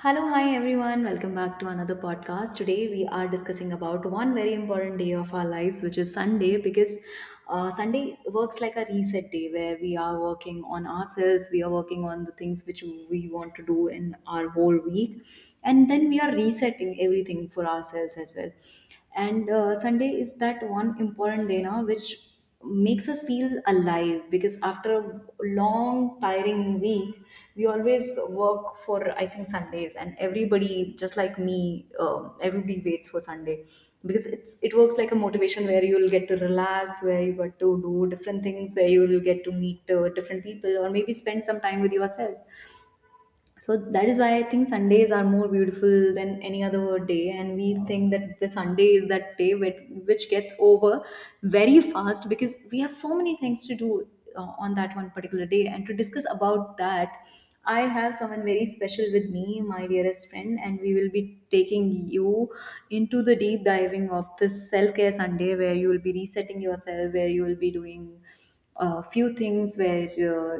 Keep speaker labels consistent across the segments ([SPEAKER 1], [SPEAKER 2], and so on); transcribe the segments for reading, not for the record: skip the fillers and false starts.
[SPEAKER 1] Hello, hi everyone. Welcome back to another podcast. Today we are discussing about one very important day of our lives, which is Sunday, because Sunday works like a reset day where we are working on ourselves, we are working on the things which we want to do in our whole week, and then we are resetting everything for ourselves as well. And Sunday is that one important day now, which makes us feel alive because after a long tiring week we always work for, I think, Sundays, and everybody, just like me, everybody waits for Sunday because it works like a motivation, where you'll get to relax, where you get to do different things, where you'll get to meet different people, or maybe spend some time with yourself. So that is why I think Sundays are more beautiful than any other day, and we think that the Sunday is that day which gets over very fast because we have so many things to do on that one particular day. And to discuss about that, I have someone very special with me, my dearest friend, and we will be taking you into the deep diving of this self-care Sunday, where you will be resetting yourself, where you will be doing a few things where, uh,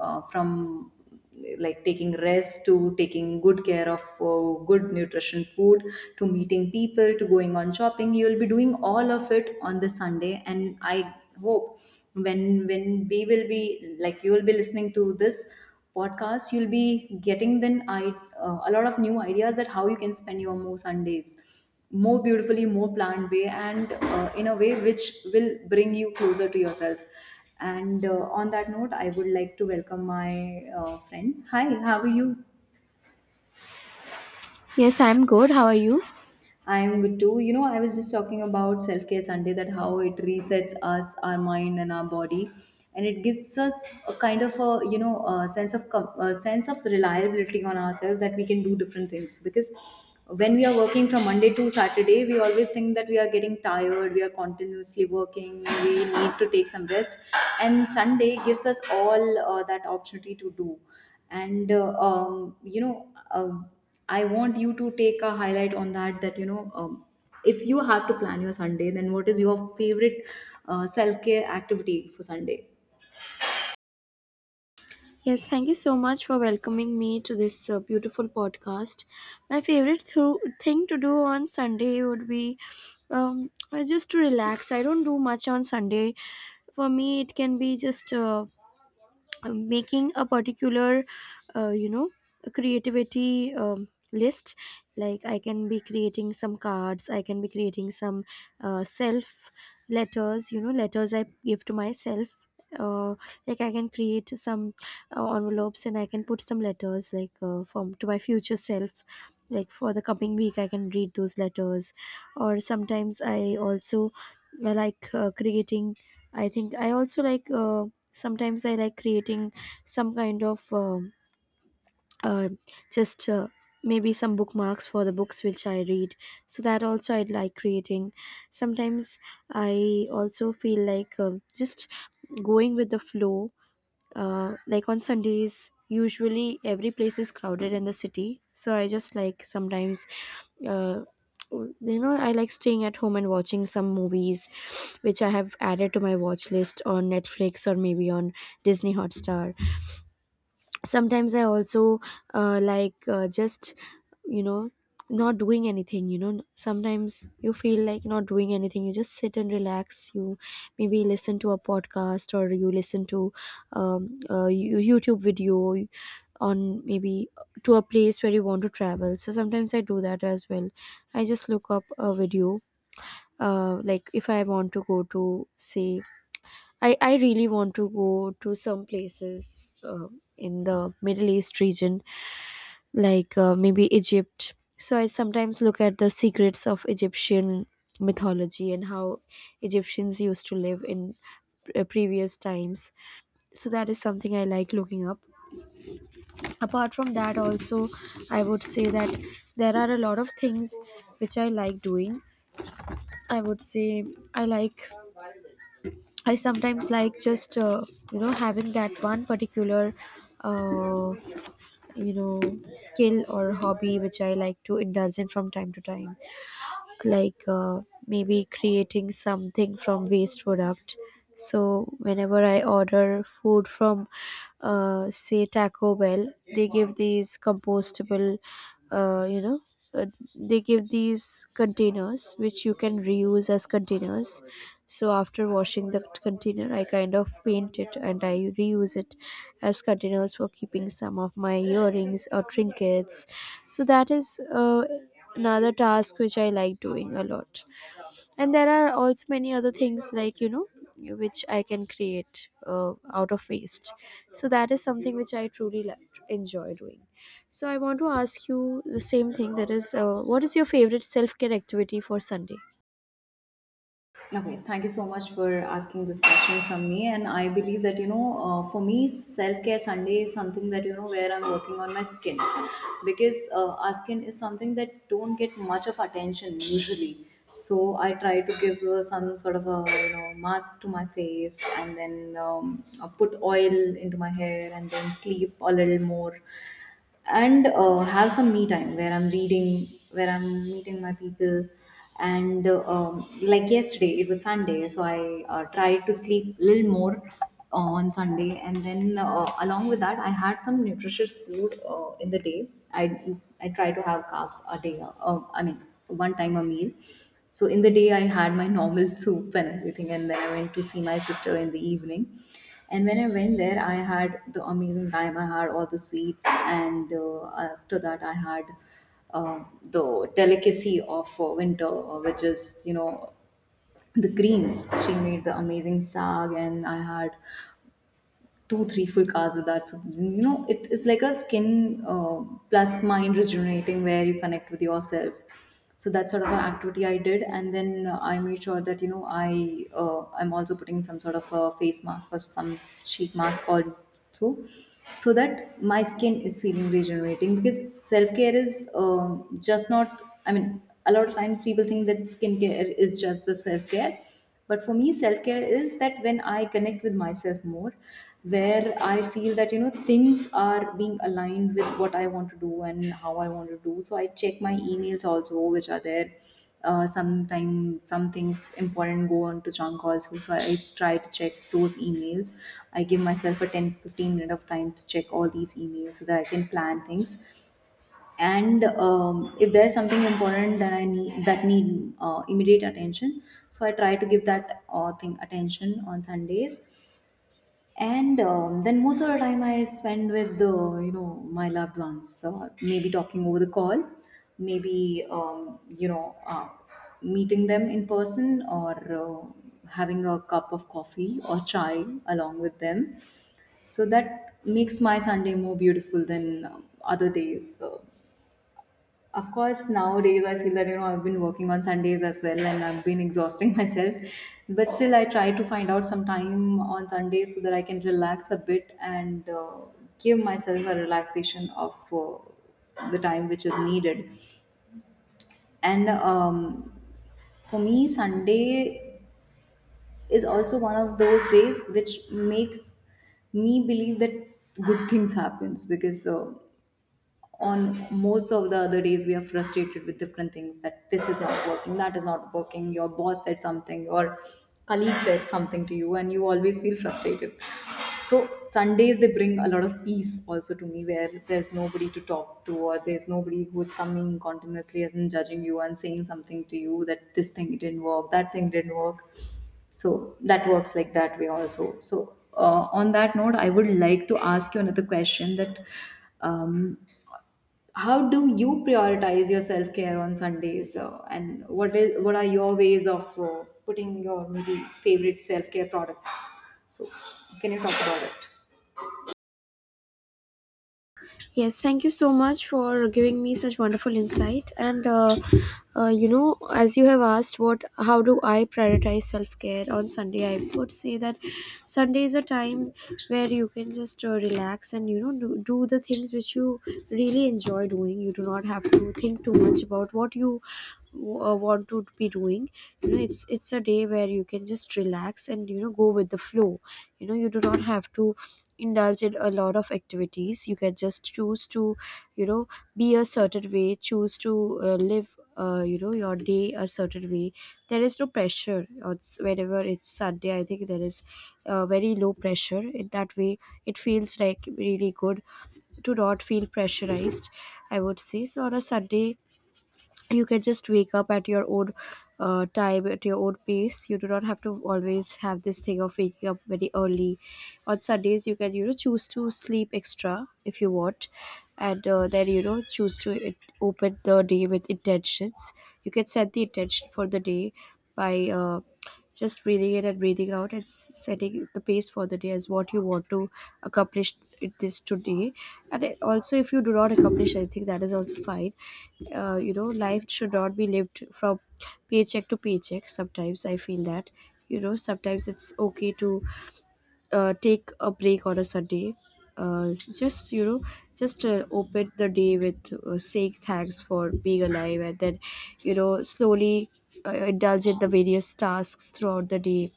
[SPEAKER 1] uh, from like taking rest to taking good care of good nutrition food, to meeting people, to going on shopping. You will be doing all of it on the Sunday, and I hope when when we will be like you will be listening to this podcast, you'll be getting then, I a lot of new ideas, that how you can spend your more Sundays more beautifully, more planned way, and in a way which will bring you closer to yourself. And on that note, I would like to welcome my friend. Hi, how are you?
[SPEAKER 2] Yes, I'm good. How are you?
[SPEAKER 1] I'm good too. You know, I was just talking about Self Care Sunday, that how it resets us, our mind, and our body, and it gives us a kind of a, you know, a sense of reliability on ourselves, that we can do different things, because when we are working from Monday to Saturday, we always think that we are getting tired, we are continuously working, we need to take some rest, and Sunday gives us all that opportunity to do. And I want you to take a highlight on that. That, if you have to plan your Sunday, then what is your favorite self care activity for Sunday?
[SPEAKER 2] Yes, thank you so much for welcoming me to this beautiful podcast. My favorite thing to do on Sunday would be just to relax. I don't do much on Sunday. For me, it can be just making a particular, uh, you know, a creativity list. Like I can be creating some cards. I can be creating some self letters. You know, letters I give to myself. Uh, like I can create some envelopes and I can put some letters like from to my future self, like for the coming week I can read those letters. Or sometimes I also creating, I think I also like sometimes I like creating some kind of uh, just maybe some bookmarks for the books which I read, so that also I like creating. Sometimes I also feel like just going with the flow. Like on Sundays, usually every place is crowded in the city, so I just like, sometimes, uh, you know, I like staying at home and watching some movies which I have added to my watch list on Netflix or maybe on Disney Hotstar. Sometimes I also just, you know, not doing anything. You know, sometimes you feel like not doing anything, you just sit and relax. You maybe listen to a podcast or you listen to a YouTube video on maybe to a place where you want to travel. So sometimes I do that as well. I just look up a video, like if I want to go to say, I really want to go to some places, in the Middle East region, like maybe Egypt. So I sometimes look at the secrets of Egyptian mythology and how Egyptians used to live in previous times. So that is something I like looking up. Apart from that, also, I would say that there are a lot of things which I like doing. I would say I like, I sometimes like just, you know, having that one particular uh, you know skill or hobby which I like to indulge in from time to time, like maybe creating something from waste product. So whenever I order food from, say, Taco Bell, they give these compostable uh, you know uh, they give these containers which you can reuse as containers. So after washing the container, I kind of paint it and I reuse it as containers for keeping some of my earrings or trinkets. So that is another task which I like doing a lot. And there are also many other things, like, you know, which I can create out of waste. So that is something which I truly like, enjoy doing. So I want to ask you the same thing. That is, what is your favorite self care activity for Sunday?
[SPEAKER 1] Okay, thank you so much for asking this question from me. And I believe that, for me, self care Sunday is something that, where I'm working on my skin, because our skin is something that don't get much of attention usually. So I try to give some sort of a, mask to my face, and then put oil into my hair and then sleep a little more, and have some me time where I'm reading, where I'm meeting my people. And like yesterday, it was Sunday, so I tried to sleep a little more on Sunday. And then, along with that, I had some nutritious food in the day. I try to have carbs a day, I mean, one time a meal. So in the day, I had my normal soup and everything, and then I went to see my sister in the evening. And when I went there, I had the amazing time. I had all the sweets, and after that, I had the delicacy of winter, which is, the greens. She made the amazing sag, and I had 2-3 full cars with that. So you know, it is like a skin plus mind rejuvenating, where you connect with yourself. So that sort of an activity I did, and then I made sure that, I I'm also putting some sort of a face mask or some sheet mask also, so that my skin is feeling regenerating, because self-care is, just not, I mean, a lot of times people think that skincare is just the self-care, but for me self care is that, when I connect with myself more, where I feel that, things are being aligned with what I want to do and how I want to do. So I check my emails also, which are there, sometime some things important go on to junk also, so I try to check those emails. I give myself a 10-15 of time to check all these emails, so that I can plan things. And if there is something important that I need, that need immediate attention, so I try to give that thing attention on Sundays. And then most of the time I spend with the, my loved ones, maybe talking over the call, maybe meeting them in person, or having a cup of coffee or chai along with them, so that makes my Sunday more beautiful than, other days. So, of course, nowadays I feel that, I've been working on Sundays as well, and I've been exhausting myself. But still, I try to find out some time on Sundays, so that I can relax a bit and give myself a relaxation of the time which is needed. And for me, Sunday is also one of those days which makes me believe that good things happens because. On most of the other days we are frustrated with different things, that this is not working, that is not working, your boss said something, your colleague said something to you, and you always feel frustrated. So Sundays, they bring a lot of peace also to me, where there's nobody to talk to, or there's nobody who's coming continuously and judging you and saying something to you, that this thing didn't work, that thing didn't work. So that works like that way also. So on that note, I would like to ask you another question, that um, how do you prioritize your self care on Sundays? And what are your ways of putting your maybe favorite self care products? So, can you talk about it?
[SPEAKER 2] Yes, thank you so much for giving me such wonderful insight. And as you have asked, what, how do I prioritize self care on Sunday? I would say that Sunday is a time where you can just relax and, you know, do the things which you really enjoy doing. You do not have to think too much about what you want to be doing. You know, it's a day where you can just relax and, you know, go with the flow. You know, you do not have to indulge in a lot of activities. You can just choose to, you know, be a certain way, choose to live your day a certain way. There is no pressure on whenever it's Sunday. I think there is very low pressure in that way. It feels like really good to not feel pressurized, I would say. So on a Sunday, you can just wake up at your own time, at your own pace. You do not have to always have this thing of waking up very early. On Sundays, you can, you know, choose to sleep extra if you want. And then, you know, choose to it, open the day with intentions. You can set the intention for the day by just breathing in and breathing out and setting the pace for the day as what you want to accomplish it this today. And it- also if you do not accomplish anything, that is also fine. Life should not be lived from paycheck to paycheck. Sometimes I feel that, you know, sometimes it's okay to take a break on a Sunday. Just you know, just open the day with saying thanks for being alive, and then, you know, slowly indulge in the various tasks throughout the day.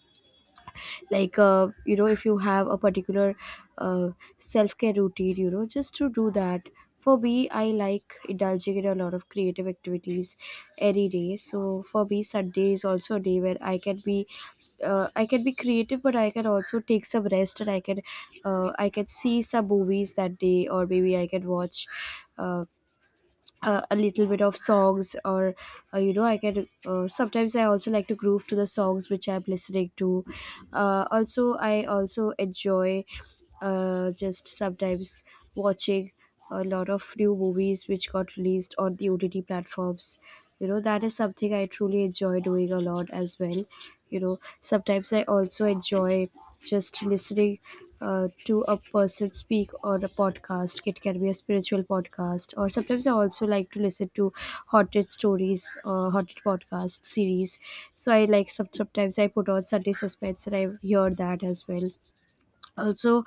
[SPEAKER 2] Like if you have a particular uh, self-care routine, you know, just to do that. For me, I like indulging in a lot of creative activities any day. So for me, Sunday is also a day where I can be I can be creative, but I can also take some rest, and I can I can see some movies that day, or maybe I can watch uh, a little bit of songs, or you know, I can sometimes I also like to groove to the songs which I'm listening to. Also I also enjoy just sometimes watching a lot of new movies which got released on the OTT platforms. You know, that is something I truly enjoy doing a lot as well. You know, sometimes I also enjoy just listening to a person speak on a podcast. It can be a spiritual podcast, or sometimes I also like to listen to haunted stories, haunted podcast series. So I like some, sometimes I put on Sunday Suspense and I hear that as well. Also,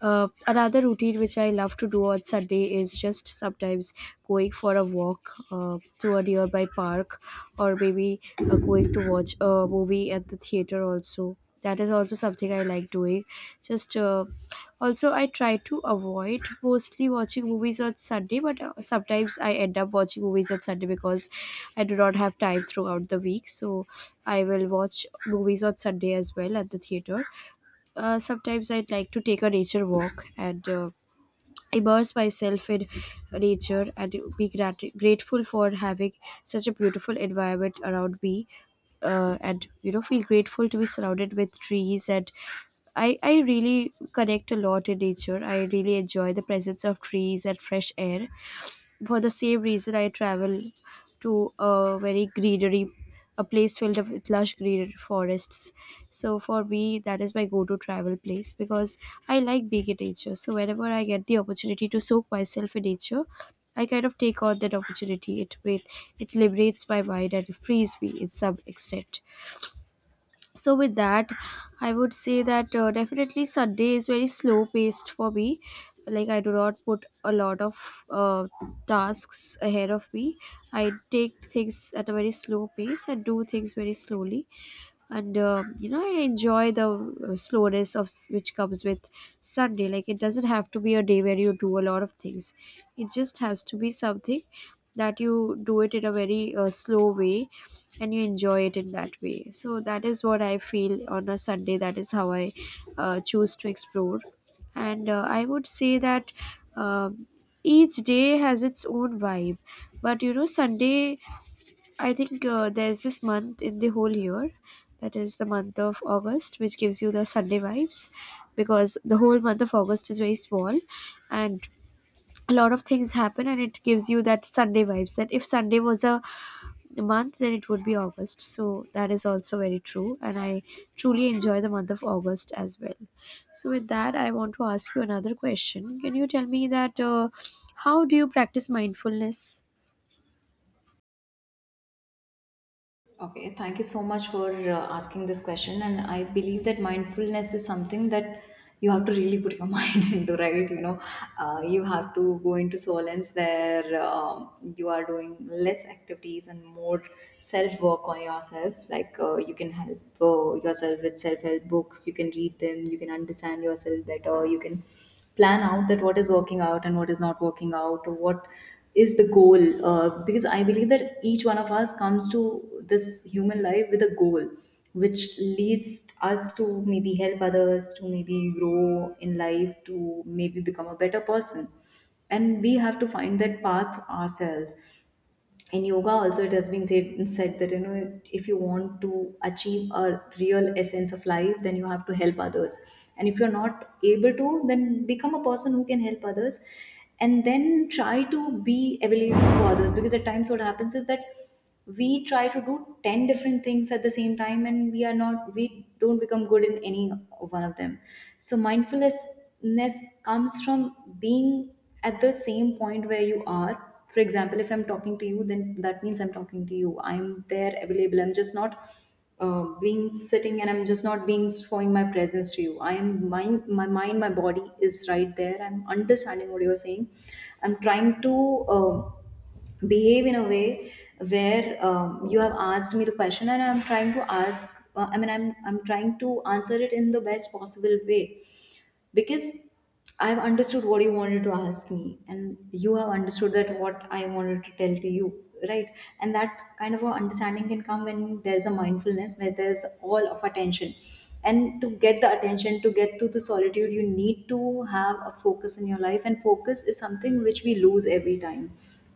[SPEAKER 2] another routine which I love to do on Sunday is just sometimes going for a walk to a nearby park, or maybe going to watch a movie at the theater also. That is also something I like doing. Just also I try to avoid mostly watching movies on Sunday, but sometimes I end up watching movies on Sunday because I do not have time throughout the week, so I will watch movies on Sunday as well at the theater. Sometimes I'd like to take a nature walk and immerse myself in nature and be grateful for having such a beautiful environment around me. And you know, feel grateful to be surrounded with trees. And I really connect a lot in nature. I really enjoy the presence of trees and fresh air. For the same reason, I travel to a very greenery, a place filled up with lush green forests. So for me, that is my go-to travel place because I like being in nature. So whenever I get the opportunity to soak myself in nature, I kind of take on that opportunity. It will, it liberates my mind and frees me in some extent. So with that, I would say that definitely Sunday is very slow paced for me. Like I do not put a lot of tasks ahead of me. I take things at a very slow pace and do things very slowly. And I enjoy the slowness of which comes with Sunday. Like it doesn't have to be a day where you do a lot of things. It just has to be something that you do it in a very slow way, and you enjoy it in that way. So that is what I feel on a Sunday. That is how I choose to explore. And I would say that um each day has its own vibe. But, you know, Sunday, I think there's this month in the whole year, that is the month of August, which gives you the Sunday vibes, because the whole month of August is very small and a lot of things happen, and it gives you that Sunday vibes. That if Sunday was a month, then it would be August. So that is also very true. And I truly enjoy the month of August as well. So, with that, I want to ask you another question. Can you tell me that how do you practice mindfulness?
[SPEAKER 1] Okay, thank you so much for asking this question. And I believe that mindfulness is something that you have to really put your mind into, right? You have to go into silence, where you are doing less activities and more self work on yourself. Like, you can help yourself with self help books, you can read them, you can understand yourself better, you can plan out that what is working out and what is not working out, or what is the goal, because I believe that each one of us comes to this human life with a goal, which leads us to maybe help others, to maybe grow in life, to maybe become a better person, and we have to find that path ourselves. In yoga also it has been said that, if you want to achieve a real essence of life, then you have to help others, and if you're not able to, then become a person who can help others, and then try to be available for others. Because at times what happens is that we try to do 10 different things at the same time, and we are not we don't become good in any one of them. So mindfulness comes from being at the same point where you are. For example, if I'm talking to you, then that means I'm talking to you, I'm there, available, I'm just not being sitting, and I'm just not being showing my presence to you. I am mind my mind my body is right there. I'm understanding what you're saying, I'm trying to, um, behave in a way where, you have asked me the question, and I'm trying to ask I mean, I'm trying to answer it in the best possible way, because I've understood what you wanted to ask me, and you have understood that what I wanted to tell to you, right? And that kind of a understanding can come when there's a mindfulness, where there's all of attention. And to get the attention, to get to the solitude, you need to have a focus in your life, and focus is something which we lose every time.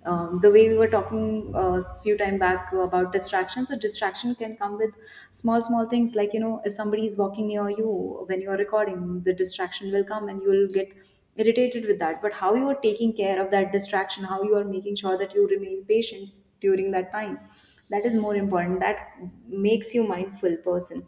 [SPEAKER 1] The way we were talking a few time back about distraction, so distraction can come with small small things, like if somebody is walking near you when you are recording, the distraction will come and you will get irritated with that. But how you are taking care of that distraction, how you are making sure that you remain patient during that time, that is more important. That makes you mindful person,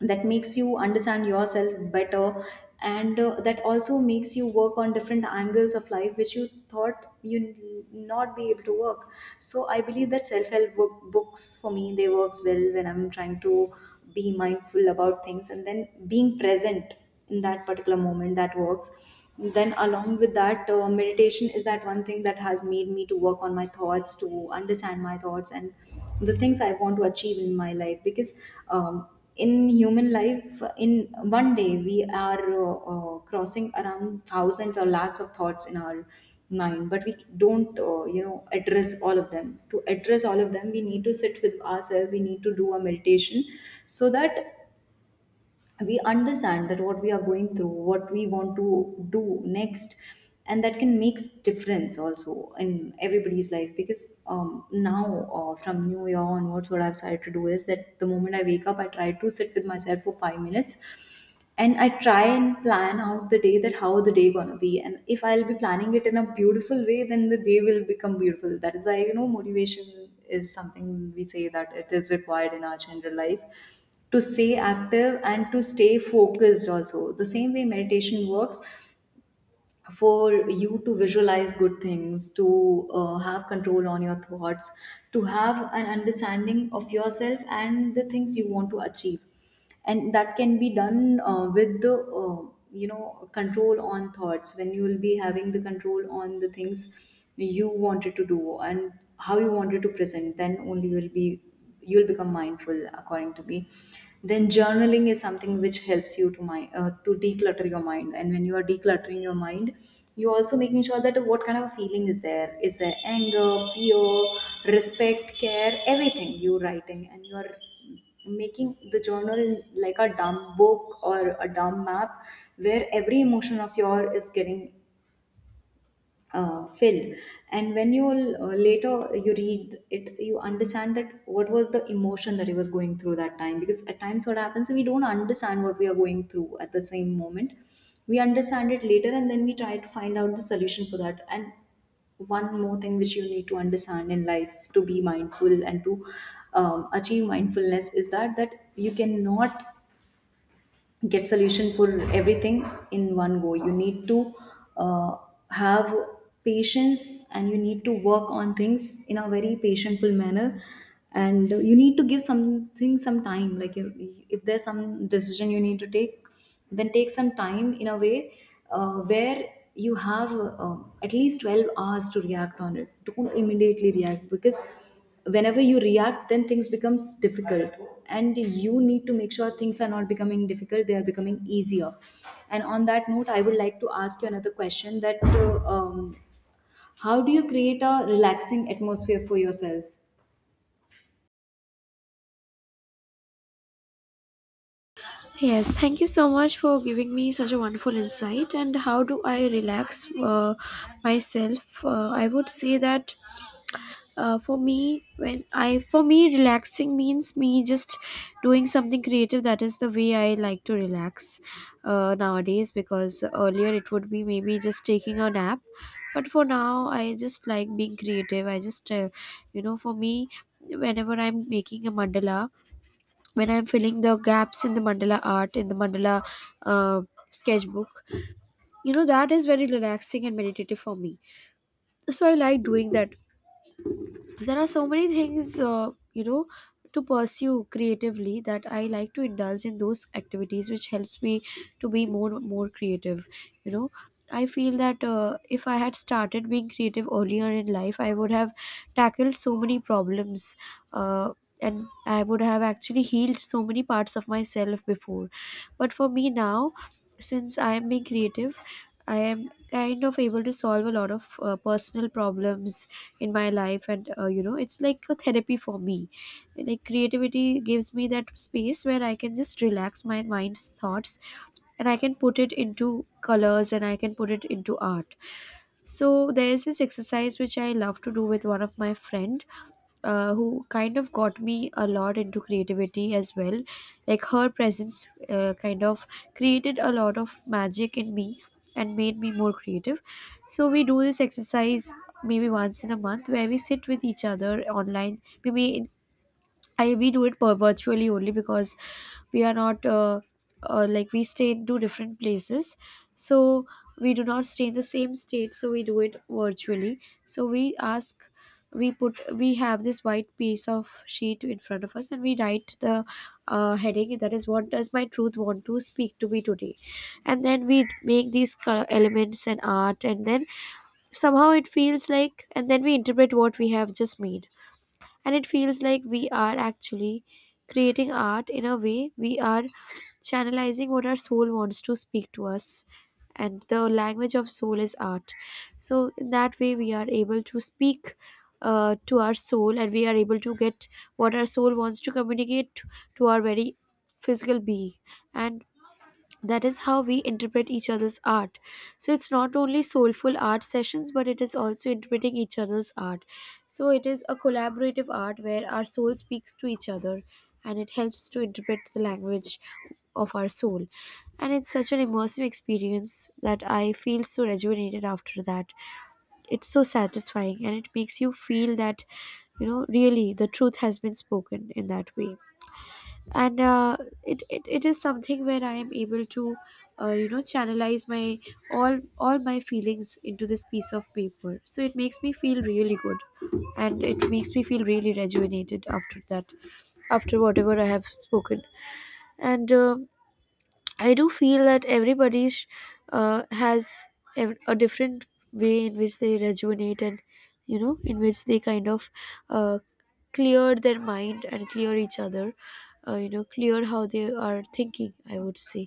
[SPEAKER 1] that makes you understand yourself better, and that also makes you work on different angles of life which you thought you not be able to work. So I believe that self-help book, books for me, they works well when I'm trying to be mindful about things and then being present in that particular moment, that works. Then along with that, meditation is that one thing that has made me to work on my thoughts, to understand my thoughts and the things I want to achieve in my life. Because in human life, in one day, we are crossing around thousands or lakhs of thoughts in our mind, but we don't address all of them. To address all of them, we need to sit with ourselves, we need to do a meditation, so that we understand that what we are going through, what we want to do next. And that can make difference also in everybody's life. Because now from new year onwards, what I've started to do is that the moment I wake up, I try to sit with myself for 5 minutes and I try and plan out the day, that how the day gonna be. And if I'll be planning it in a beautiful way, then the day will become beautiful. That is why, you know, motivation is something we say that it is required in our general life to stay active and to stay focused. Also the same way meditation works for you to visualize good things, to have control on your thoughts, to have an understanding of yourself and the things you want to achieve. And that can be done with the you know, control on thoughts. When you will be having the control on the things you wanted to do and how you wanted to present, then only you will be, you'll become mindful, according to me. Then journaling is something which helps you to mind to declutter your mind. And when you are decluttering your mind, you're also making sure that what kind of a feeling is there. Is there anger, fear, respect, care? Everything you're writing, and you're making the journal like a dumb book or a dumb map, where every emotion of your is getting filled. And when you, later you read it, you understand that what was the emotion that he was going through that time. Because at times what happens, we don't understand what we are going through at the same moment. We understand it later, and then we try to find out the solution for that. And one more thing which you need to understand in life, to be mindful and to achieve mindfulness, is that that you cannot get solution for everything in one go. You need to uh, have patience, and you need to work on things in a very patientful manner. And you need to give something some time. Like if there's some decision you need to take, then take some time, in a way where you have at least 12 hours to react on it. Don't immediately react, because whenever you react, then things becomes difficult. And you need to make sure things are not becoming difficult, they are becoming easier. And on that note, I would like to ask you another question, that how do you create a relaxing atmosphere for yourself?
[SPEAKER 2] Yes, thank you so much for giving me such a wonderful insight. And how do I relax myself? I would say that for me, when I, for me, relaxing means me just doing something creative. That is the way I like to relax nowadays. Because earlier it would be maybe just taking a nap, but for now I just like being creative. I just for me whenever I'm making a mandala, when I'm filling the gaps in the mandala art, in the mandala uh, sketchbook, you know, that is very relaxing and meditative for me, so I like doing that. So there are so many things, you know, to pursue creatively that I like to indulge in those activities which helps me to be more creative, you know. I feel that if I had started being creative earlier in life, I would have tackled so many problems, uh, and I would have actually healed so many parts of myself before. But for me now, since I am being creative, I am kind of able to solve a lot of personal problems in my life, and you know, it's like a therapy for me. Like, creativity gives me that space where I can just relax my mind's thoughts, and I can put it into colors, and I can put it into art. So there is this exercise which I love to do with one of my friend, who kind of got me a lot into creativity as well. Like, her presence kind of created a lot of magic in me and made me more creative. So we do this exercise maybe once in a month, where we sit with each other online. Maybe I we do it per virtually only, because we are not like, we stay in two different places, so we do not stay in the same state. So we do it virtually. So we ask, we have this white piece of sheet in front of us, and we write the heading, that is, what does my truth want to speak to me today, and then we make these elements and art, and then somehow it feels like, and then we interpret what we have just made, and it feels like we are actually creating art. In a way, we are channelizing what our soul wants to speak to us, and the language of soul is art. So in that way, we are able to speak to our soul, and we are able to get what our soul wants to communicate to our very physical being. And that is how we interpret each other's art. So it's not only soulful art sessions, but it is also interpreting each other's art. So it is a collaborative art where our soul speaks to each other, and it helps to interpret the language of our soul. And it's such an immersive experience that I feel so rejuvenated after that. It's so satisfying, and it makes you feel that, you know, really the truth has been spoken in that way. And it is something where I am able to channelize my all my feelings into this piece of paper, so it makes me feel really good, and it makes me feel really rejuvenated after that, after whatever I have spoken. And I do feel that has a different way in which they rejuvenate, and you know, in which they kind of uh, clear their mind and clear each other, you know, clear how they are thinking, I would say.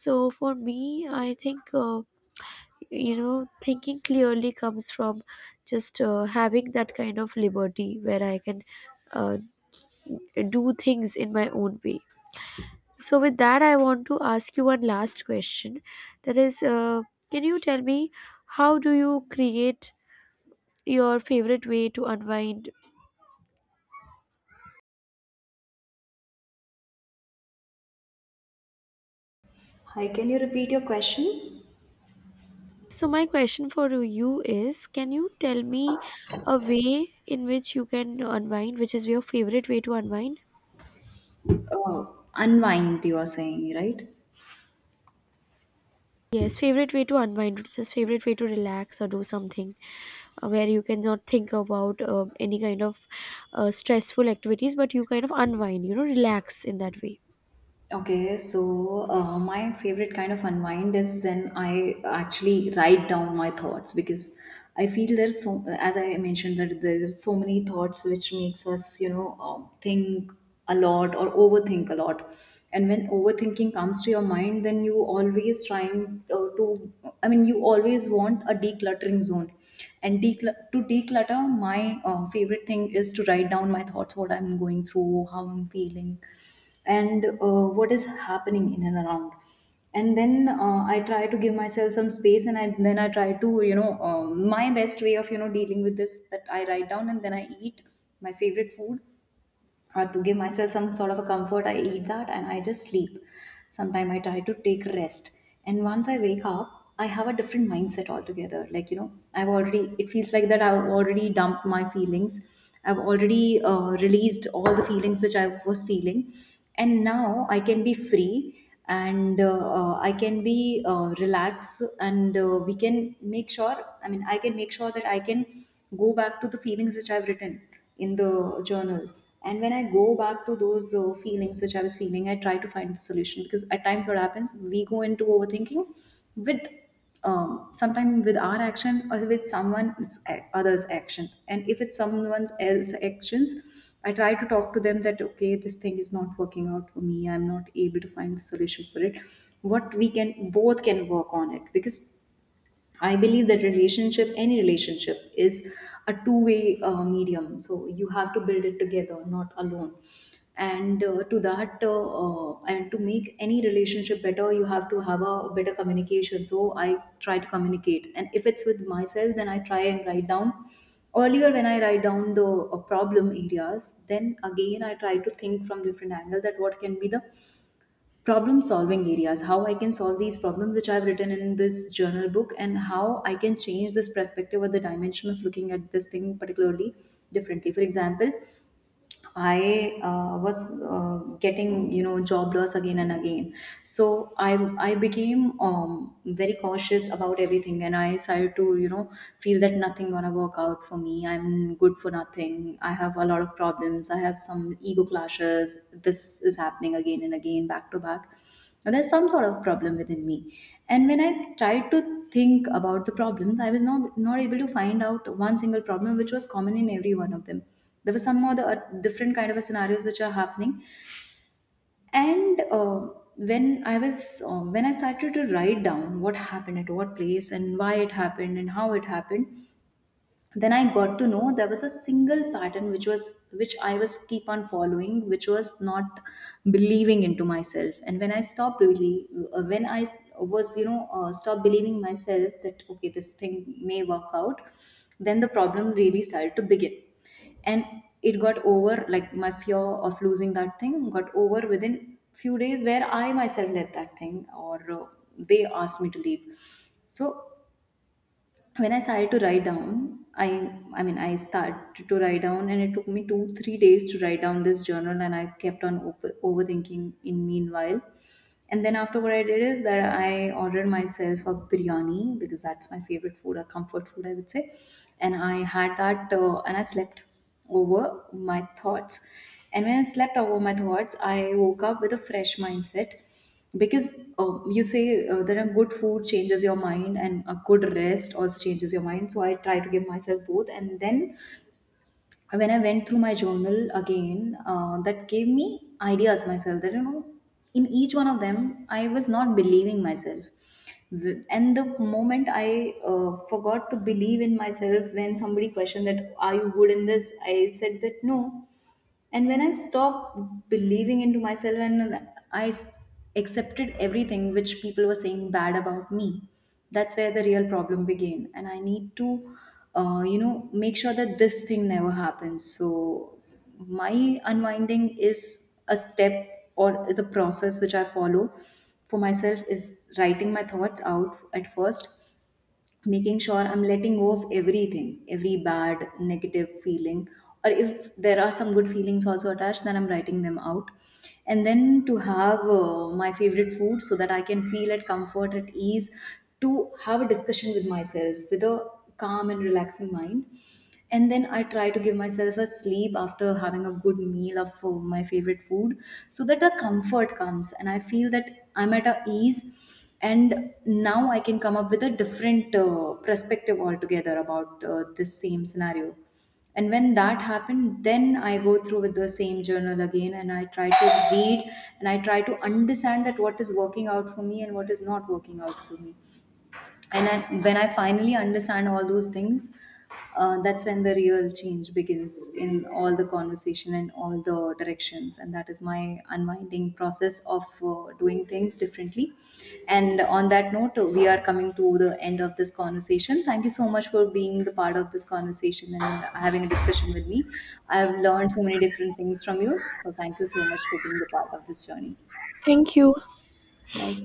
[SPEAKER 2] So for me, I think you know, thinking clearly comes from just having that kind of liberty where I can uh, do things in my own way. So with that, I want to ask you one last question, that is, can you tell me, how do you create your favorite way to unwind?
[SPEAKER 1] Hi, can you repeat your question?
[SPEAKER 2] So my question for you is, can you tell me a way in which you can unwind, which is your favorite way to unwind?
[SPEAKER 1] uh, Unwind, you are saying, right?
[SPEAKER 2] Yes, favorite way to unwind, which is favorite way to relax or do something where you cannot think about any kind of stressful activities, but you kind of unwind, you know, relax in that way.
[SPEAKER 1] Okay, so my favorite kind of unwind is when I actually write down my thoughts. Because I feel there's so, as I mentioned, that there are so many thoughts which makes us, you know, think a lot or overthink a lot. And when overthinking comes to your mind, then you always trying to, I mean, you always want a decluttering zone. And to declutter, my favorite thing is to write down my thoughts, what I'm going through, how I'm feeling and what is happening in and around. And then I try to give myself some space. And I, then I try to, my best way of, you know, dealing with this, that I write down, and then I eat my favorite food. Or to give myself some sort of a comfort, I eat that and I just sleep. Sometimes I try to take rest, and once I wake up, I have a different mindset altogether. Like, you know, I've already, it feels like that I've already dumped my feelings, I've already released all the feelings which I was feeling, and now I can be free. And I can be relaxed. And we can make sure, I mean I can make sure that I can go back to the feelings which I've written in the journal. And when I go back to those feelings which I was feeling, I try to find the solution. Because at times what happens, we go into overthinking with, sometimes with our action or with someone others action. And if it's someone else actions, I try to talk to them that okay, this thing is not working out for me, I'm not able to find the solution for it, what we can both can work on it. Because I believe that relationship, any relationship, is a two-way medium. So you have to build it together, not alone. And to that, and to make any relationship better, you have to have a better communication. So I try to communicate, and if it's with myself, then I try and write down. Earlier, when I write down the problem areas, then again I try to think from different angle, that what can be the problem solving areas, how I can solve these problems which I've written in this journal book, and how I can change this perspective or the dimension of looking at this thing particularly differently. For example, I was getting, you know, job loss again and again. So I became very cautious about everything, and I started to, you know, feel that nothing gonna work out for me. I'm good for nothing. I have a lot of problems. I have some ego clashes. This is happening again and again, back to back. Now there's some sort of problem within me. And when I tried to think about the problems, I was not able to find out one single problem which was common in every one of them. There were some other different kind of scenarios which are happening. And when I was when I started to write down what happened at what place and why it happened and how it happened, then I got to know there was a single pattern which was, which I was keep on following, which was not believing into myself. And when I stopped really, when I was, you know, stopped believing myself that okay, this thing may work out, then the problem really started to begin. And it got over, like my fear of losing that thing got over within few days, where I myself left that thing, or they asked me to leave. So when I started to write down, I mean I started to write down, and it took me 2-3 days to write down this journal, and I kept on overthinking in meanwhile. And then after, what I did is that I ordered myself a biryani because that's my favorite food, a comfort food I would say. And I had that, and I slept over my thoughts. And when I slept over my thoughts, I woke up with a fresh mindset. Because you say that a good food changes your mind and a good rest also changes your mind. So I try to give myself both. And then when I went through my journal again, that gave me ideas myself, that you know, in each one of them, I was not believing myself. And the moment I forgot to believe in myself, when somebody questioned that, are you good in this, I said that no. And when I stopped believing into myself and I accepted everything which people were saying bad about me, that's where the real problem began. And I need to you know, make sure that this thing never happens. So my unwinding is a step, or is a process which I follow for myself, is writing my thoughts out at first, making sure I'm letting go of everything, every bad, negative feeling. Or if there are some good feelings also attached, then I'm writing them out. And then to have my favorite food so that I can feel at comfort, at ease. To have a discussion with myself with a calm and relaxing mind. And then I try to give myself a sleep after having a good meal of my favorite food, so that the comfort comes and I feel that I'm at a ease. And now I can come up with a different perspective altogether about this same scenario. And when that happened, then I go through with the same journal again, and I try to read, and I try to understand that what is working out for me and what is not working out for me. And I, when I finally understand all those things, that's when the real change begins in all the conversation and all the directions. And that is my unwinding process of doing things differently. And on that note, we are coming to the end of this conversation. Thank you so much for being the part of this conversation and having a discussion with me. I've learned so many different things from you, so thank you so much for being the part of this journey.
[SPEAKER 2] Thank you.
[SPEAKER 1] Bye.